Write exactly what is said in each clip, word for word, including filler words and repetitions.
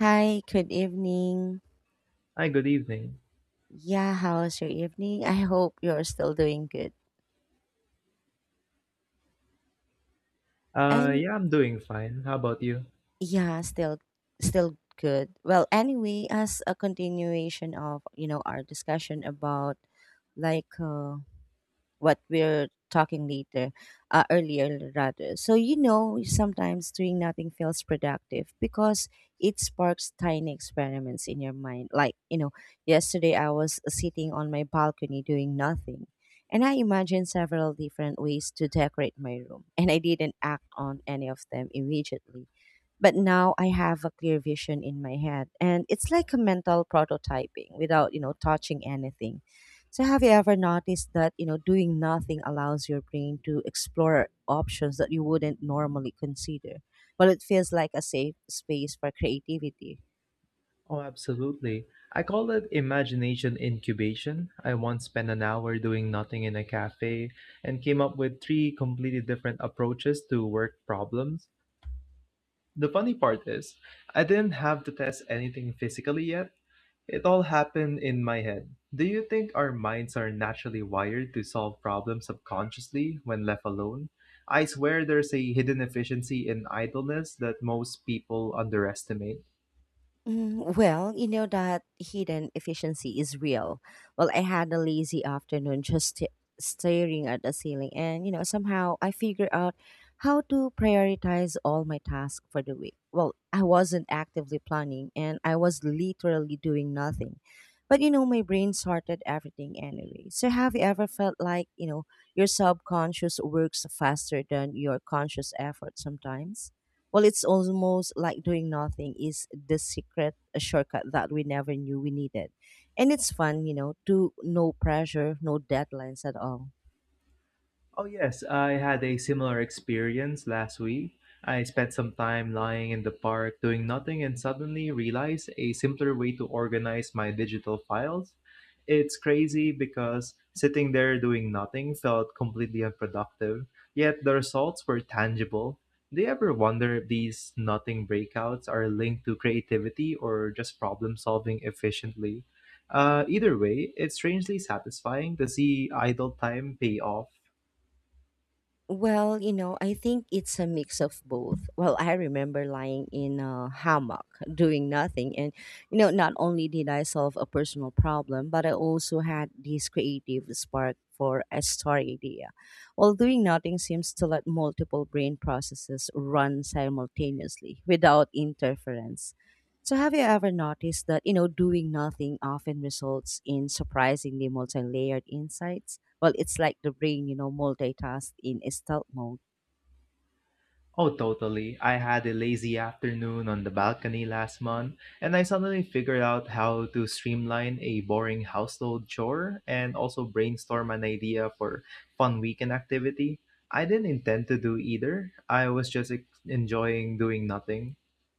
Hi, good evening. Hi, good evening. Yeah, how's your evening? I hope you're still doing good. Uh, And Yeah, I'm doing fine. How about you? yeah, still still good. Well, anyway, as a continuation of, you know, our discussion about like uh what we're talking later, uh, earlier rather. So you know sometimes doing nothing feels productive because it sparks tiny experiments in your mind. Like you know yesterday I was sitting on my balcony doing nothing, and I imagined several different ways to decorate my room, and I didn't act on any of them immediately, but now I have a clear vision in my head. And it's like a mental prototyping without, you know, touching anything. So have you ever noticed that, you know, doing nothing allows your brain to explore options that you wouldn't normally consider? Well, it feels like a safe space for creativity. Oh, absolutely. I call it imagination incubation. I once spent an hour doing nothing in a cafe and came up with three completely different approaches to work problems. The funny part is, I didn't have to test anything physically yet. It all happened in my head. Do you think our minds are naturally wired to solve problems subconsciously when left alone? I swear there's a hidden efficiency in idleness that most people underestimate. Mm, well, you know that hidden efficiency is real. Well, I had a lazy afternoon just st- staring at the ceiling, and you know, somehow I figured out how to prioritize all my tasks for the week. Well, I wasn't actively planning, and I was literally doing nothing. But you know, my brain sorted everything anyway. So, have you ever felt like, you know, your subconscious works faster than your conscious effort sometimes? Well, it's almost like doing nothing is the secret shortcut that we never knew we needed. And it's fun, you know, to no pressure, no deadlines at all. Oh, yes, I had a similar experience last week. I spent some time lying in the park doing nothing and suddenly realized a simpler way to organize my digital files. It's crazy because sitting there doing nothing felt completely unproductive, yet the results were tangible. Do you ever wonder if these nothing breakouts are linked to creativity or just problem solving efficiently? Uh, either way, it's strangely satisfying to see idle time pay off. Well, you know, I think it's a mix of both. Well, I remember lying in a hammock doing nothing. And, you know, not only did I solve a personal problem, but I also had this creative spark for a story idea. Well, doing nothing seems to let multiple brain processes run simultaneously without interference. So have you ever noticed that, you know, doing nothing often results in surprisingly multi-layered insights? Well, it's like the brain, you know, multitask in a stealth mode. Oh, totally. I had a lazy afternoon on the balcony last month, and I suddenly figured out how to streamline a boring household chore and also brainstorm an idea for fun weekend activity. I didn't intend to do either. I was just ex- enjoying doing nothing.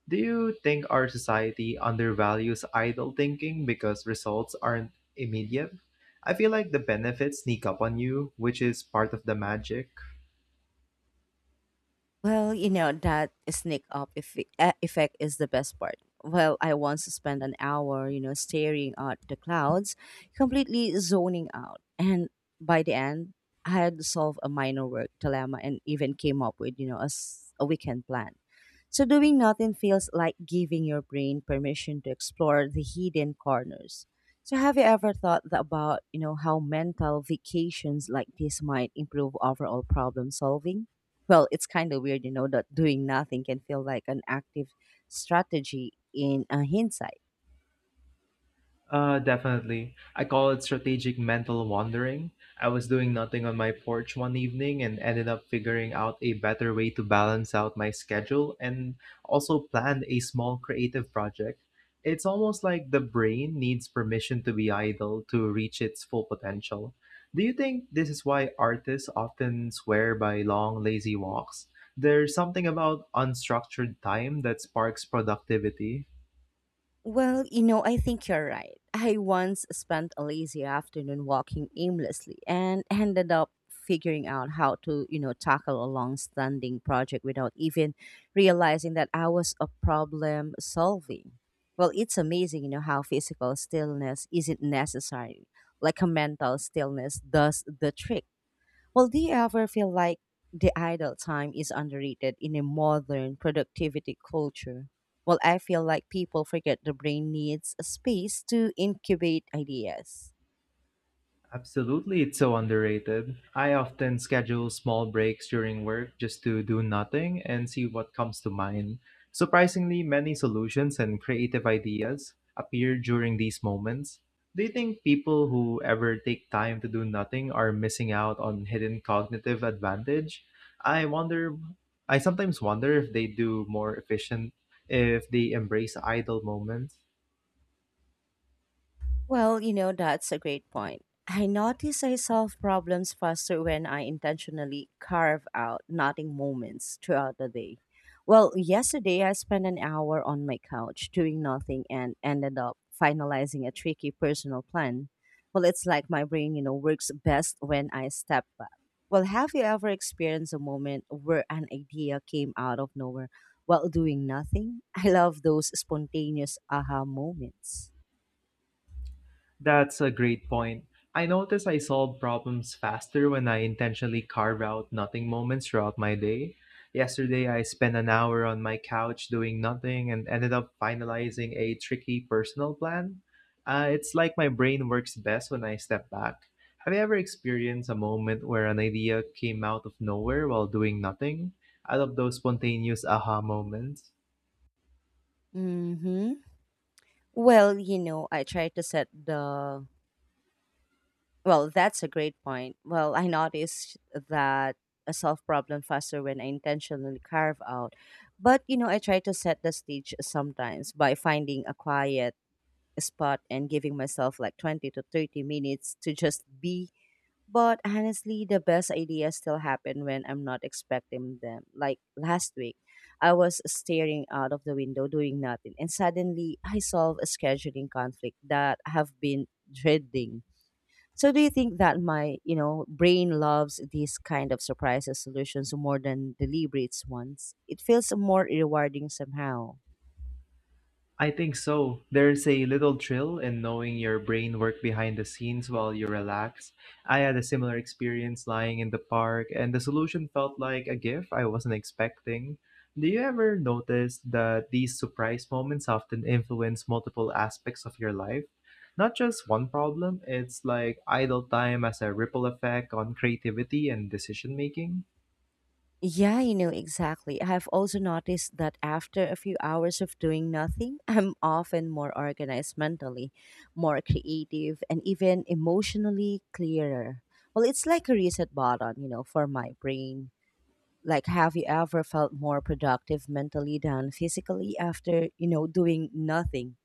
Do you think our society undervalues idle thinking because results aren't immediate? I feel like the benefits sneak up on you, which is part of the magic. Well, you know, that sneak up eff- e- effect is the best part. Well, I once spent an hour, you know, staring at the clouds, completely zoning out. And by the end, I had solved a minor work dilemma and even came up with, you know, a, s- a weekend plan. So doing nothing feels like giving your brain permission to explore the hidden corners. So have you ever thought tha- about, you know, how mental vacations like this might improve overall problem solving? Well, it's kind of weird, you know, that doing nothing can feel like an active strategy in uh, hindsight. Uh, definitely. I call it strategic mental wandering. I was doing nothing on my porch one evening and ended up figuring out a better way to balance out my schedule and also planned a small creative project. It's almost like the brain needs permission to be idle to reach its full potential. Do you think this is why artists often swear by long, lazy walks? There's something about unstructured time that sparks productivity. Well, you know, I think you're right. I once spent a lazy afternoon walking aimlessly and ended up figuring out how to, you know, tackle a long standing project without even realizing that I was a problem solving. Well, it's amazing, you know, how physical stillness isn't necessary. Like a mental stillness does the trick. Well, do you ever feel like the idle time is underrated in a modern productivity culture? Well, I feel like people forget the brain needs a space to incubate ideas. Absolutely, it's so underrated. I often schedule small breaks during work just to do nothing and see what comes to mind. Surprisingly, many solutions and creative ideas appear during these moments. Do you think people who ever take time to do nothing are missing out on hidden cognitive advantage? I wonder, I sometimes wonder if they do more efficient if they embrace idle moments. Well, you know, that's a great point. I notice I solve problems faster when I intentionally carve out nothing moments throughout the day. Well, yesterday I spent an hour on my couch doing nothing and ended up finalizing a tricky personal plan. Well, it's like my brain, you know, works best when I step back. Well, have you ever experienced a moment where an idea came out of nowhere while doing nothing? I love those spontaneous aha moments. That's a great point. I notice I solve problems faster when I intentionally carve out nothing moments throughout my day. Yesterday, I spent an hour on my couch doing nothing and ended up finalizing a tricky personal plan. Uh, it's like my brain works best when I step back. Have you ever experienced a moment where an idea came out of nowhere while doing nothing? I love those spontaneous aha moments. Mm hmm. Well, you know, I try to set the. Well, that's a great point. Well, I noticed that I solve problem faster when I intentionally carve out. But, you know, I try to set the stage sometimes by finding a quiet spot and giving myself like twenty to thirty minutes to just be, but honestly, the best ideas still happen when I'm not expecting them. Like last week, I was staring out of the window doing nothing, and suddenly I solved a scheduling conflict that I have been dreading. So do you think that my, you know, brain loves these kind of surprises solutions more than deliberate ones? It feels more rewarding somehow. I think so. There's a little thrill in knowing your brain work behind the scenes while you relax. I had a similar experience lying in the park, and the solution felt like a gift I wasn't expecting. Do you ever notice that these surprise moments often influence multiple aspects of your life? Not just one problem, it's like idle time as a ripple effect on creativity and decision making. Yeah, you know, exactly. I have also noticed that after a few hours of doing nothing, I'm often more organized mentally, more creative, and even emotionally clearer. Well, it's like a reset button, you know, for my brain. Like, have you ever felt more productive mentally than physically after, you know, doing nothing?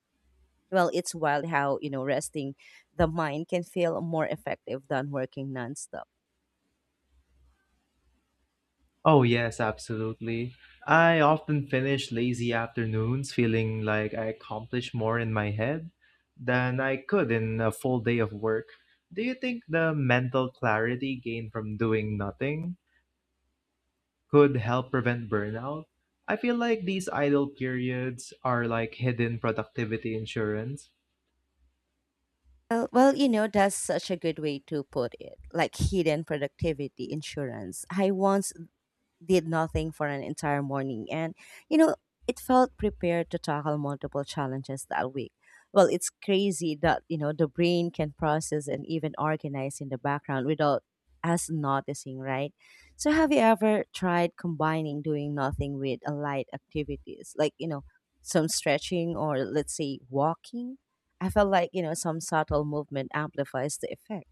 Well, it's wild how, you know, resting the mind can feel more effective than working nonstop. Oh, yes, absolutely. I often finish lazy afternoons feeling like I accomplish more in my head than I could in a full day of work. Do you think the mental clarity gained from doing nothing could help prevent burnout? I feel like these idle periods are like hidden productivity insurance. Well, well, you know, that's such a good way to put it, like hidden productivity insurance. I once did nothing for an entire morning. And, you know, it felt prepared to tackle multiple challenges that week. Well, it's crazy that, you know, the brain can process and even organize in the background without us noticing, right? So, have you ever tried combining doing nothing with a light activities, like, you know, some stretching or let's say walking? I felt like, you know, some subtle movement amplifies the effect.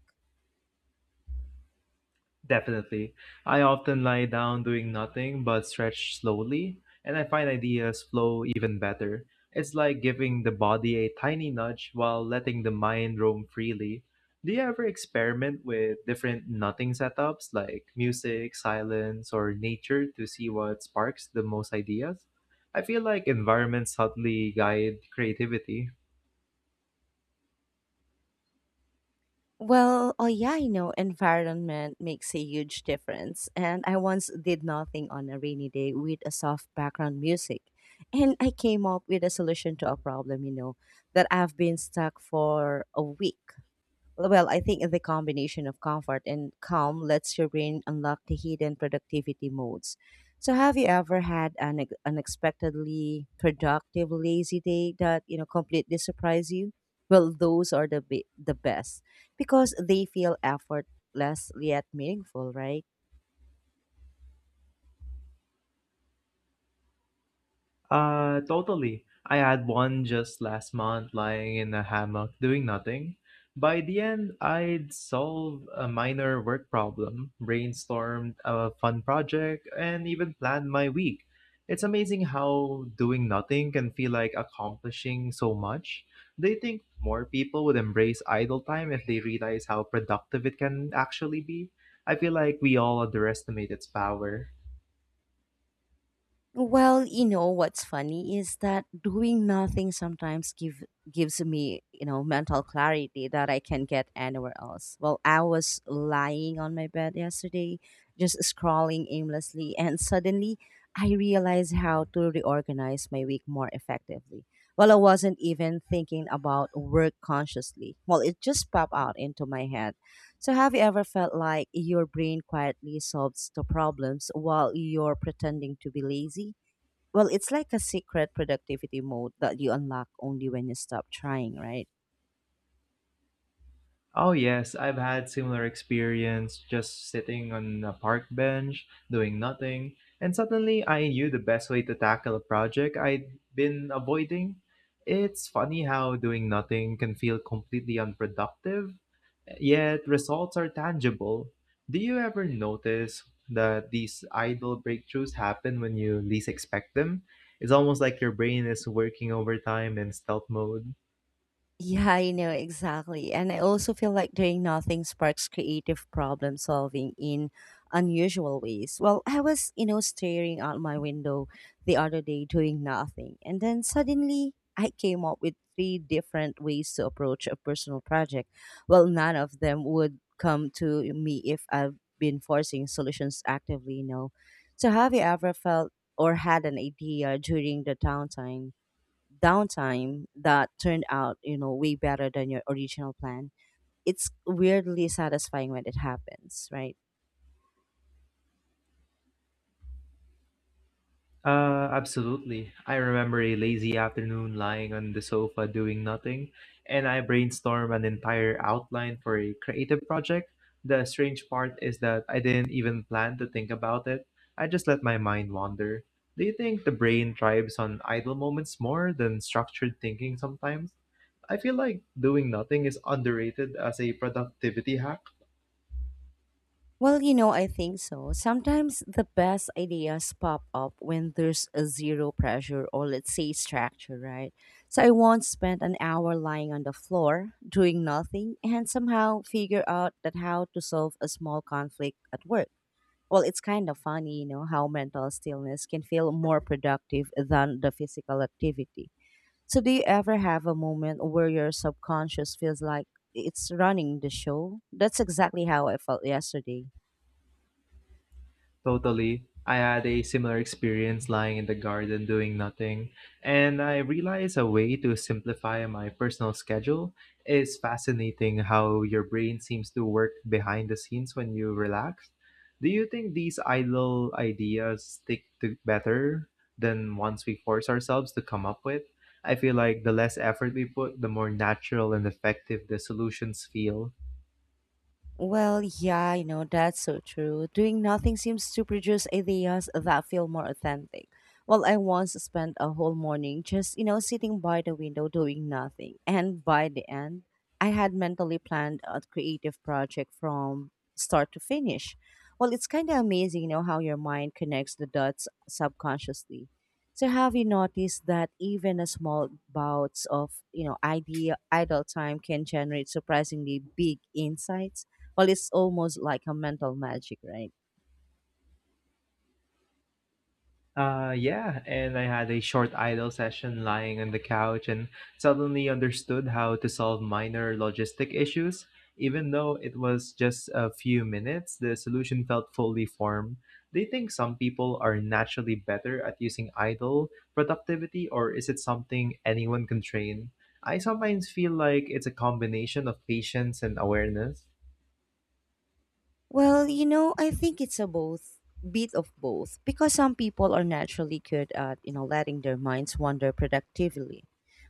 Definitely. I often lie down doing nothing but stretch slowly, and I find ideas flow even better. It's like giving the body a tiny nudge while letting the mind roam freely. Do you ever experiment with different nothing setups like music, silence, or nature to see what sparks the most ideas? I feel like environments subtly guide creativity. Well, oh yeah, you know, environment makes a huge difference. And I once did nothing on a rainy day with a soft background music. And I came up with a solution to a problem, you know, that I've been stuck for a week. Well, I think the combination of comfort and calm lets your brain unlock the hidden productivity modes. So, have you ever had an ex- unexpectedly productive lazy day that you know completely surprise you? Well, those are the be- the best because they feel effortless yet meaningful, right? Uh, totally. I had one just last month lying in a hammock doing nothing. By the end, I'd solved a minor work problem, brainstormed a fun project, and even planned my week. It's amazing how doing nothing can feel like accomplishing so much. Do you think more people would embrace idle time if they realize how productive it can actually be? I feel like we all underestimate its power. Well, you know what's funny is that doing nothing sometimes give gives me, you know, mental clarity that I can get anywhere else. Well, I was lying on my bed yesterday, just scrolling aimlessly, and suddenly I realized how to reorganize my week more effectively. Well, I wasn't even thinking about work consciously. Well, it just popped out into my head. So, have you ever felt like your brain quietly solves the problems while you're pretending to be lazy? Well, it's like a secret productivity mode that you unlock only when you stop trying, right? Oh yes, I've had similar experience just sitting on a park bench doing nothing, and suddenly I knew the best way to tackle a project I'd been avoiding. It's funny how doing nothing can feel completely unproductive, yet results are tangible. Do you ever notice that these idle breakthroughs happen when you least expect them? It's almost like your brain is working overtime in stealth mode. Yeah, I know exactly. And I also feel like doing nothing sparks creative problem solving in unusual ways. Well, I was, you know, staring out my window the other day doing nothing. And then suddenly I came up with three different ways to approach a personal project. Well, none of them would come to me if I've been forcing solutions actively, you know. So have you ever felt or had an idea during the downtime? downtime that turned out, you know, way better than your original plan. It's weirdly satisfying when it happens, right? Uh, absolutely. I remember a lazy afternoon lying on the sofa doing nothing, and I brainstormed an entire outline for a creative project. The strange part is that I didn't even plan to think about it. I just let my mind wander. Do you think the brain thrives on idle moments more than structured thinking sometimes? I feel like doing nothing is underrated as a productivity hack. Well, you know, I think so. Sometimes the best ideas pop up when there's a zero pressure or let's say structure, right? So I once spent an hour lying on the floor doing nothing and somehow figure out that how to solve a small conflict at work. Well, it's kind of funny, you know, how mental stillness can feel more productive than the physical activity. So, do you ever have a moment where your subconscious feels like it's running the show? That's exactly how I felt yesterday. Totally. I had a similar experience lying in the garden doing nothing, and I realized a way to simplify my personal schedule is fascinating how your brain seems to work behind the scenes when you relax. Do you think these idle ideas stick to better than ones we force ourselves to come up with? I feel like the less effort we put, the more natural and effective the solutions feel. Well, yeah, you know, that's so true. Doing nothing seems to produce ideas that feel more authentic. Well, I once spent a whole morning just, you know, sitting by the window doing nothing. And by the end, I had mentally planned a creative project from start to finish. Well, it's kind of amazing, you know, how your mind connects the dots subconsciously. So, have you noticed that even a small bouts of, you know, idea idle time can generate surprisingly big insights? Well, it's almost like a mental magic, right? Uh, yeah, and I had a short idle session lying on the couch and suddenly understood how to solve minor logistic issues. Even though it was just a few minutes, the solution felt fully formed. Do you think some people are naturally better at using idle productivity, or is it something anyone can train? I sometimes feel like it's a combination of patience and awareness. Well, you know, I think it's a both bit of both because some people are naturally good at, you know, letting their minds wander productively.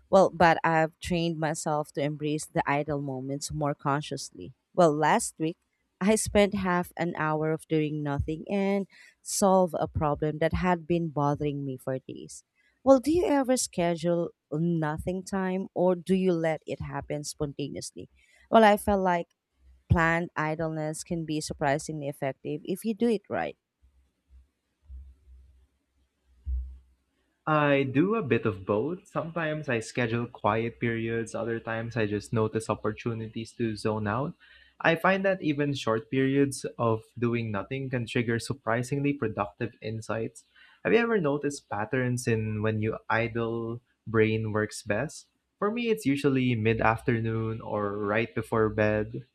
Well, but I've trained myself to embrace the idle moments more consciously. Well, last week, I spent half an hour of doing nothing and solve a problem that had been bothering me for days. Well, do you ever schedule nothing time or do you let it happen spontaneously? Well, I felt like planned idleness can be surprisingly effective if you do it right. I do a bit of both. Sometimes I schedule quiet periods, other times I just notice opportunities to zone out. I find that even short periods of doing nothing can trigger surprisingly productive insights. Have you ever noticed patterns in when your idle brain works best? For me, it's usually mid afternoon or right before bed.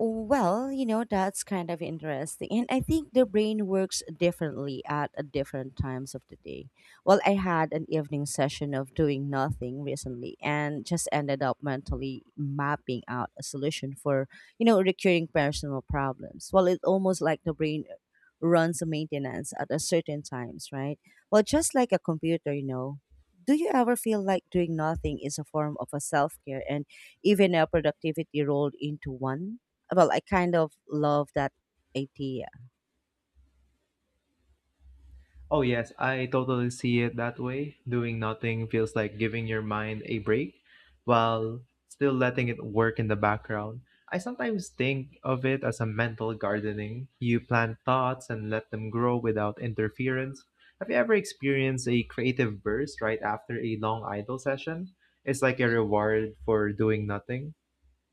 Well, you know, that's kind of interesting. And I think the brain works differently at uh, different times of the day. Well, I had an evening session of doing nothing recently and just ended up mentally mapping out a solution for, you know, recurring personal problems. Well, it's almost like the brain runs a maintenance at a certain times, right? Well, just like a computer, you know. Do you ever feel like doing nothing is a form of a self-care and even a productivity rolled into one? Well, I kind of love that idea. Oh, yes, I totally see it that way. Doing nothing feels like giving your mind a break while still letting it work in the background. I sometimes think of it as a mental gardening. You plant thoughts and let them grow without interference. Have you ever experienced a creative burst right after a long idle session? It's like a reward for doing nothing.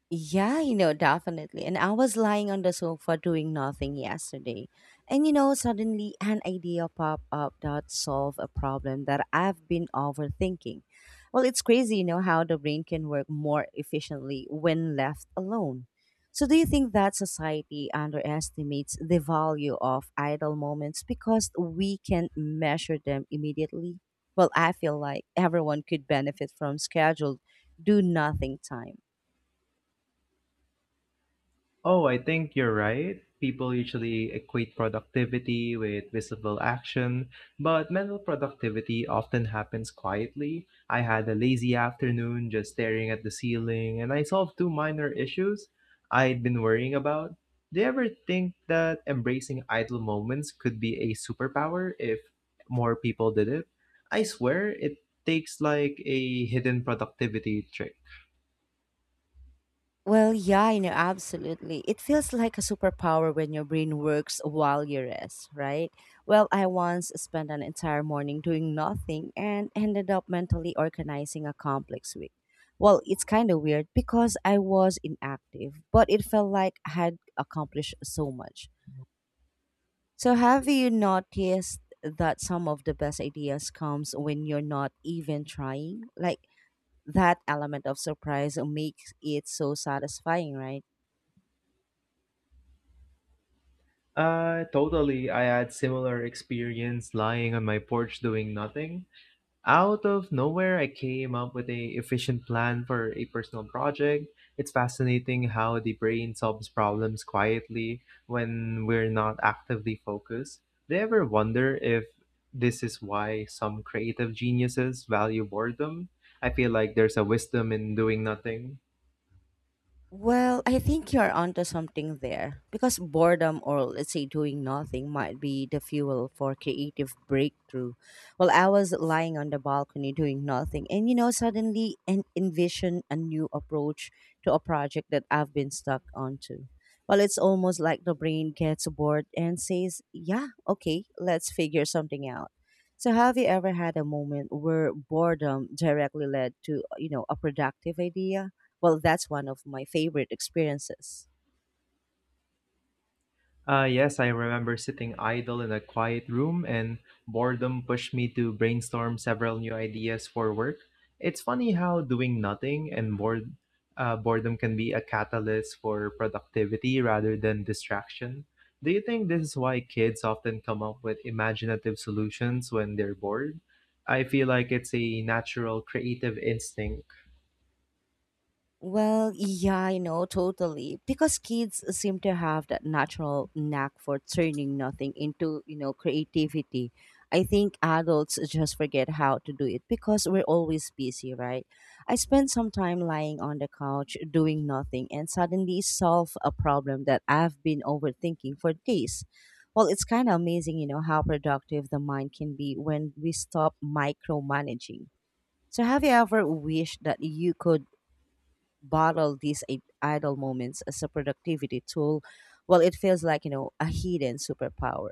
Yeah, you know, definitely. And I was lying on the sofa doing nothing yesterday. And you know, suddenly an idea popped up that solved a problem that I've been overthinking. Well, it's crazy, you know, how the brain can work more efficiently when left alone. So, do you think that society underestimates the value of idle moments because we can't measure them immediately? Well, I feel like everyone could benefit from scheduled do nothing time. Oh, I think you're right. People usually equate productivity with visible action, but mental productivity often happens quietly. I had a lazy afternoon just staring at the ceiling, and I solved two minor issues I'd been worrying about. Do you ever think that embracing idle moments could be a superpower if more people did it? I swear it takes like a hidden productivity trick. Well, yeah, you know, absolutely. It feels like a superpower when your brain works while you rest, right? Well, I once spent an entire morning doing nothing and ended up mentally organizing a complex week. Well, it's kind of weird because I was inactive, but it felt like I had accomplished so much. So, have you noticed that some of the best ideas comes when you're not even trying? Like that element of surprise makes it so satisfying, right? Uh, totally. I had similar experience lying on my porch doing nothing. Out of nowhere, I came up with a efficient plan for a personal project. It's fascinating how the brain solves problems quietly when we're not actively focused. Do you ever wonder if this is why some creative geniuses value boredom? I feel like there's a wisdom in doing nothing. Well, I think you're onto something there because boredom, or let's say doing nothing, might be the fuel for creative breakthrough. Well, I was lying on the balcony doing nothing and you know suddenly and envision a new approach to a project that I've been stuck onto. Well, it's almost like the brain gets bored and says, "Yeah, okay, let's figure something out." So, have you ever had a moment where boredom directly led to, you know, a productive idea? Well, that's one of my favorite experiences. Uh, yes, I remember sitting idle in a quiet room, and boredom pushed me to brainstorm several new ideas for work. It's funny how doing nothing and bored, uh, boredom can be a catalyst for productivity rather than distraction. Do you think this is why kids often come up with imaginative solutions when they're bored? I feel like it's a natural creative instinct. Well, yeah, I know, totally. Because kids seem to have that natural knack for turning nothing into, you know, creativity. I think adults just forget how to do it because we're always busy, right? I spent some time lying on the couch doing nothing and suddenly solve a problem that I've been overthinking for days. Well, it's kind of amazing, you know, how productive the mind can be when we stop micromanaging. So, have you ever wished that you could bottle these i- idle moments as a productivity tool? Well, it feels like, you know, a hidden superpower.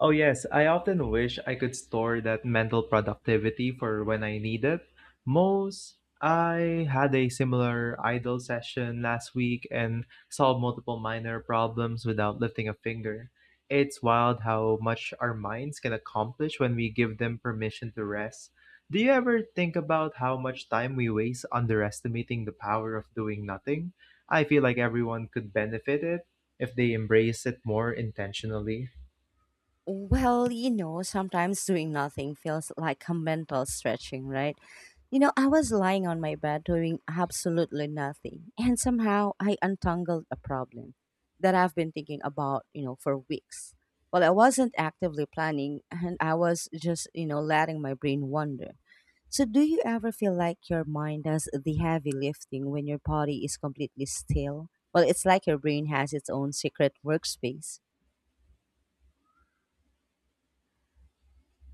Oh, yes, I often wish I could store that mental productivity for when I need it. Most I had a similar idle session last week and solved multiple minor problems without lifting a finger. It's wild how much our minds can accomplish when we give them permission to rest. Do you ever think about how much time we waste underestimating the power of doing nothing? I feel like everyone could benefit it if they embrace it more intentionally. Well, you know, sometimes doing nothing feels like a mental stretching, right? You know, I was lying on my bed doing absolutely nothing, and somehow I untangled a problem that I've been thinking about, you know, for weeks. Well, I wasn't actively planning, and I was just, you know, letting my brain wander. So, do you ever feel like your mind does the heavy lifting when your body is completely still? Well, it's like your brain has its own secret workspace.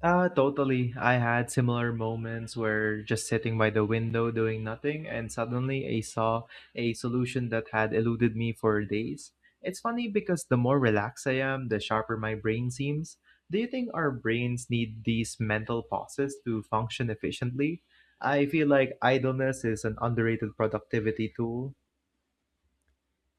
Uh, totally. I had similar moments where just sitting by the window doing nothing, and suddenly I saw a solution that had eluded me for days. It's funny because the more relaxed I am, the sharper my brain seems. Do you think our brains need these mental pauses to function efficiently? I feel like idleness is an underrated productivity tool.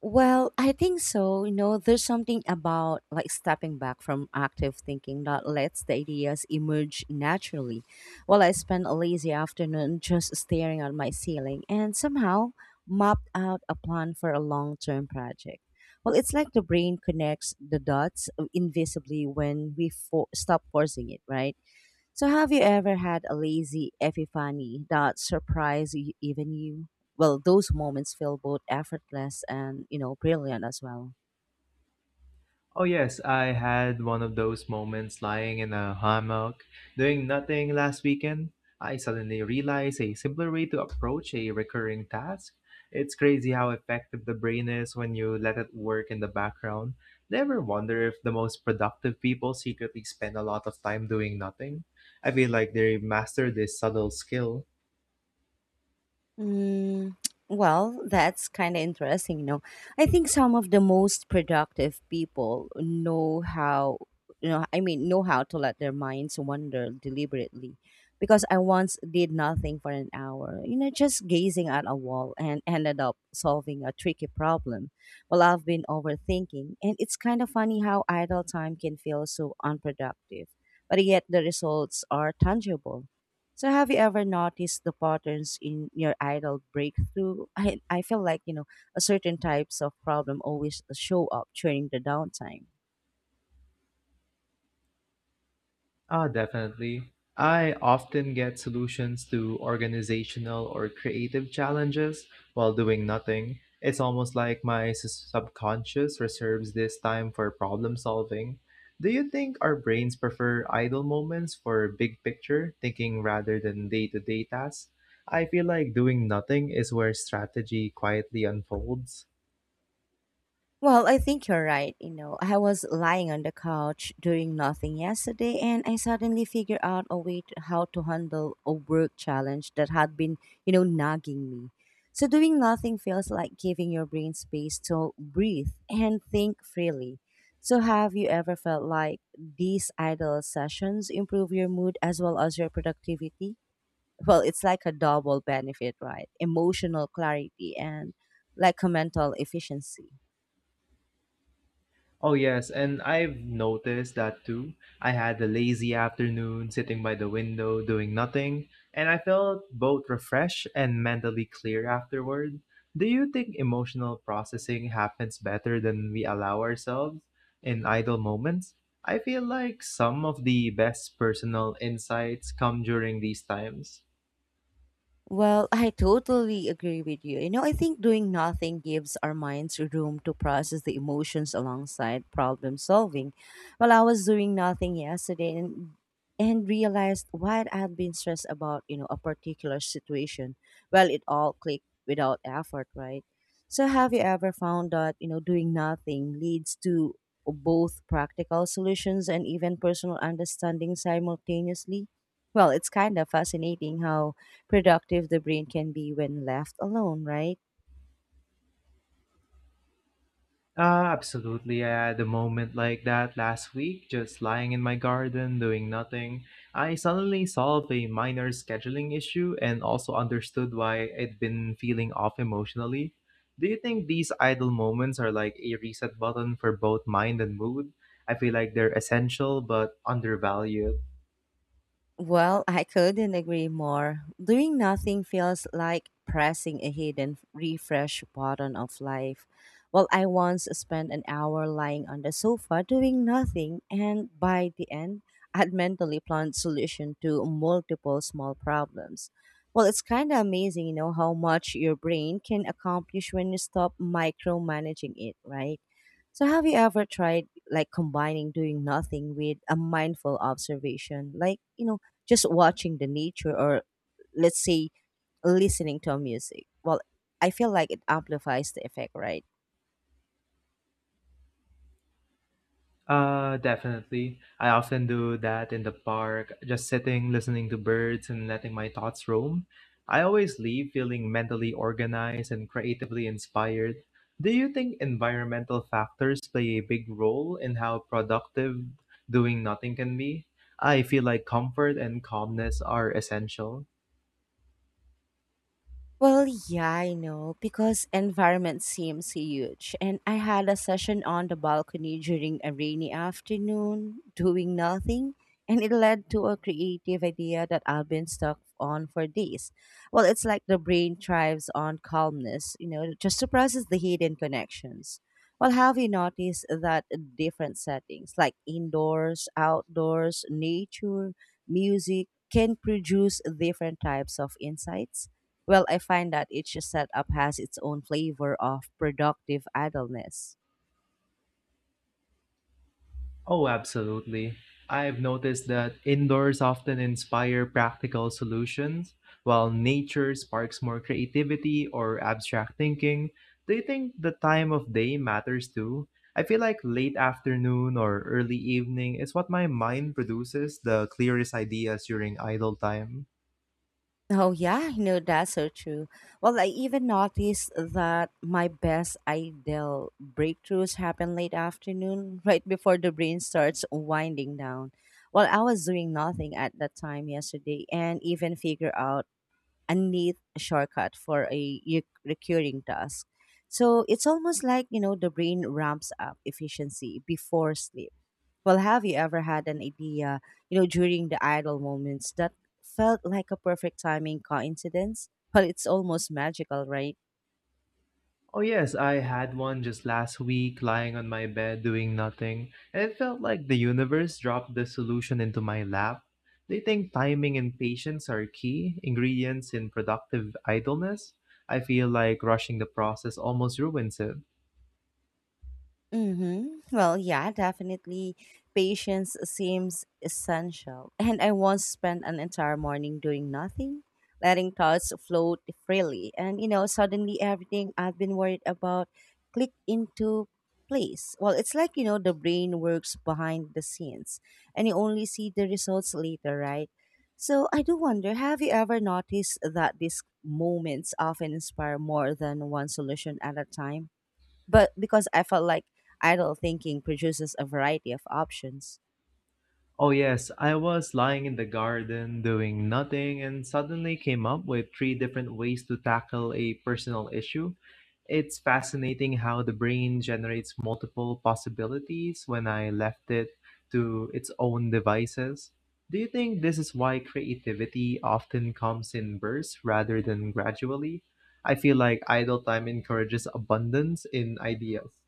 Well, I think so. You know, there's something about like stepping back from active thinking that lets the ideas emerge naturally. Well, I spent a lazy afternoon just staring at my ceiling and somehow mapped out a plan for a long term project. Well, it's like the brain connects the dots uh, invisibly when we for- stop forcing it, right? So, have you ever had a lazy epiphany that surprised you, even you? Well, those moments feel both effortless and, you know, brilliant as well. Oh, yes, I had one of those moments lying in a hammock doing nothing last weekend. I suddenly realized a simpler way to approach a recurring task. It's crazy how effective the brain is when you let it work in the background. Never wonder if the most productive people secretly spend a lot of time doing nothing. I feel like they master this subtle skill. Mm, well, that's kind of interesting, you know. I think some of the most productive people know how, you know, I mean, know how to let their minds wander deliberately. Because I once did nothing for an hour, you know, just gazing at a wall and ended up solving a tricky problem. Well, I've been overthinking, and it's kind of funny how idle time can feel so unproductive, but yet the results are tangible. So have you ever noticed the patterns in your idol breakthrough? I I feel like, you know, a certain types of problem always show up during the downtime. Ah, definitely. I often get solutions to organizational or creative challenges while doing nothing. It's almost like my s- subconscious reserves this time for problem solving. Do you think our brains prefer idle moments for big picture thinking rather than day to day tasks? I feel like doing nothing is where strategy quietly unfolds. Well, I think you're right. You know, I was lying on the couch doing nothing yesterday and I suddenly figured out a way to, how to handle a work challenge that had been, you know, nagging me. So doing nothing feels like giving your brain space to breathe and think freely. So have you ever felt like these idle sessions improve your mood as well as your productivity? Well, it's like a double benefit, right? Emotional clarity and like a mental efficiency. Oh, yes, and I've noticed that too. I had a lazy afternoon sitting by the window doing nothing, and I felt both refreshed and mentally clear afterward. Do you think emotional processing happens better than we allow ourselves in idle moments? I feel like some of the best personal insights come during these times. Well, I totally agree with you. You know, I think doing nothing gives our minds room to process the emotions alongside problem solving. Well, I was doing nothing yesterday and and realized what I've been stressed about, you know, a particular situation. Well, it all clicked without effort, right? So have you ever found that, you know, doing nothing leads to both practical solutions and even personal understanding simultaneously? Well, it's kind of fascinating how productive the brain can be when left alone, right? Uh, absolutely. I had a moment like that last week, just lying in my garden doing nothing. I suddenly solved a minor scheduling issue and also understood why I'd been feeling off emotionally. Do you think these idle moments are like a reset button for both mind and mood? I feel like they're essential but undervalued. Well, I couldn't agree more. Doing nothing feels like pressing a hidden refresh button of life. Well, I once spent an hour lying on the sofa doing nothing, and by the end, I'd mentally planned solution to multiple small problems. Well, it's kind of amazing, you know, how much your brain can accomplish when you stop micromanaging it, right? So, have you ever tried like combining doing nothing with a mindful observation, like you know, just watching the nature, or let's say listening to a music? Well, I feel like it amplifies the effect, right? Uh, definitely. I often do that in the park, just sitting, listening to birds, and letting my thoughts roam. I always leave feeling mentally organized and creatively inspired. Do you think environmental factors play a big role in how productive doing nothing can be? I feel like comfort and calmness are essential. Well, yeah, I know, because environment seems huge. And I had a session on the balcony during a rainy afternoon, doing nothing, and it led to a creative idea that I've been stuck on for days. Well, it's like the brain thrives on calmness, you know, just to process the hidden connections. Well, have you noticed that different settings, like indoors, outdoors, nature, music, can produce different types of insights? Well, I find that each setup has its own flavor of productive idleness. Oh, absolutely. I've noticed that indoors often inspire practical solutions, while nature sparks more creativity or abstract thinking. Do you think the time of day matters too? I feel like late afternoon or early evening is what my mind produces the clearest ideas during idle time. Oh, yeah, you know, that's so true. Well, I even noticed that my best ideal breakthroughs happen late afternoon, right before the brain starts winding down. Well, I was doing nothing at that time yesterday and even figure out a neat shortcut for a re- recurring task. So it's almost like, you know, the brain ramps up efficiency before sleep. Well, have you ever had an idea, you know, during the idle moments that felt like a perfect timing coincidence? Well, it's almost magical, right? Oh, yes, I had one just last week lying on my bed doing nothing, and it felt like the universe dropped the solution into my lap. They think timing and patience are key ingredients in productive idleness. I feel like rushing the process almost ruins it. Mm-hmm. Well, yeah, definitely. Patience seems essential. And I once spent an entire morning doing nothing, letting thoughts float freely. And, you know, suddenly everything I've been worried about clicked into place. Well, it's like, you know, the brain works behind the scenes and you only see the results later, right? So I do wonder, have you ever noticed that these moments often inspire more than one solution at a time? But because I felt like idle thinking produces a variety of options. Oh, yes, I was lying in the garden doing nothing and suddenly came up with three different ways to tackle a personal issue. It's fascinating how the brain generates multiple possibilities when I left it to its own devices. Do you think this is why creativity often comes in bursts rather than gradually? I feel like idle time encourages abundance in ideas.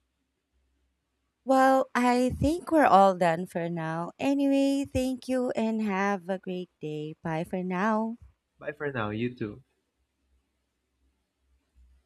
Well, I think we're all done for now. Anyway, thank you and have a great day. Bye for now. Bye for now, you too.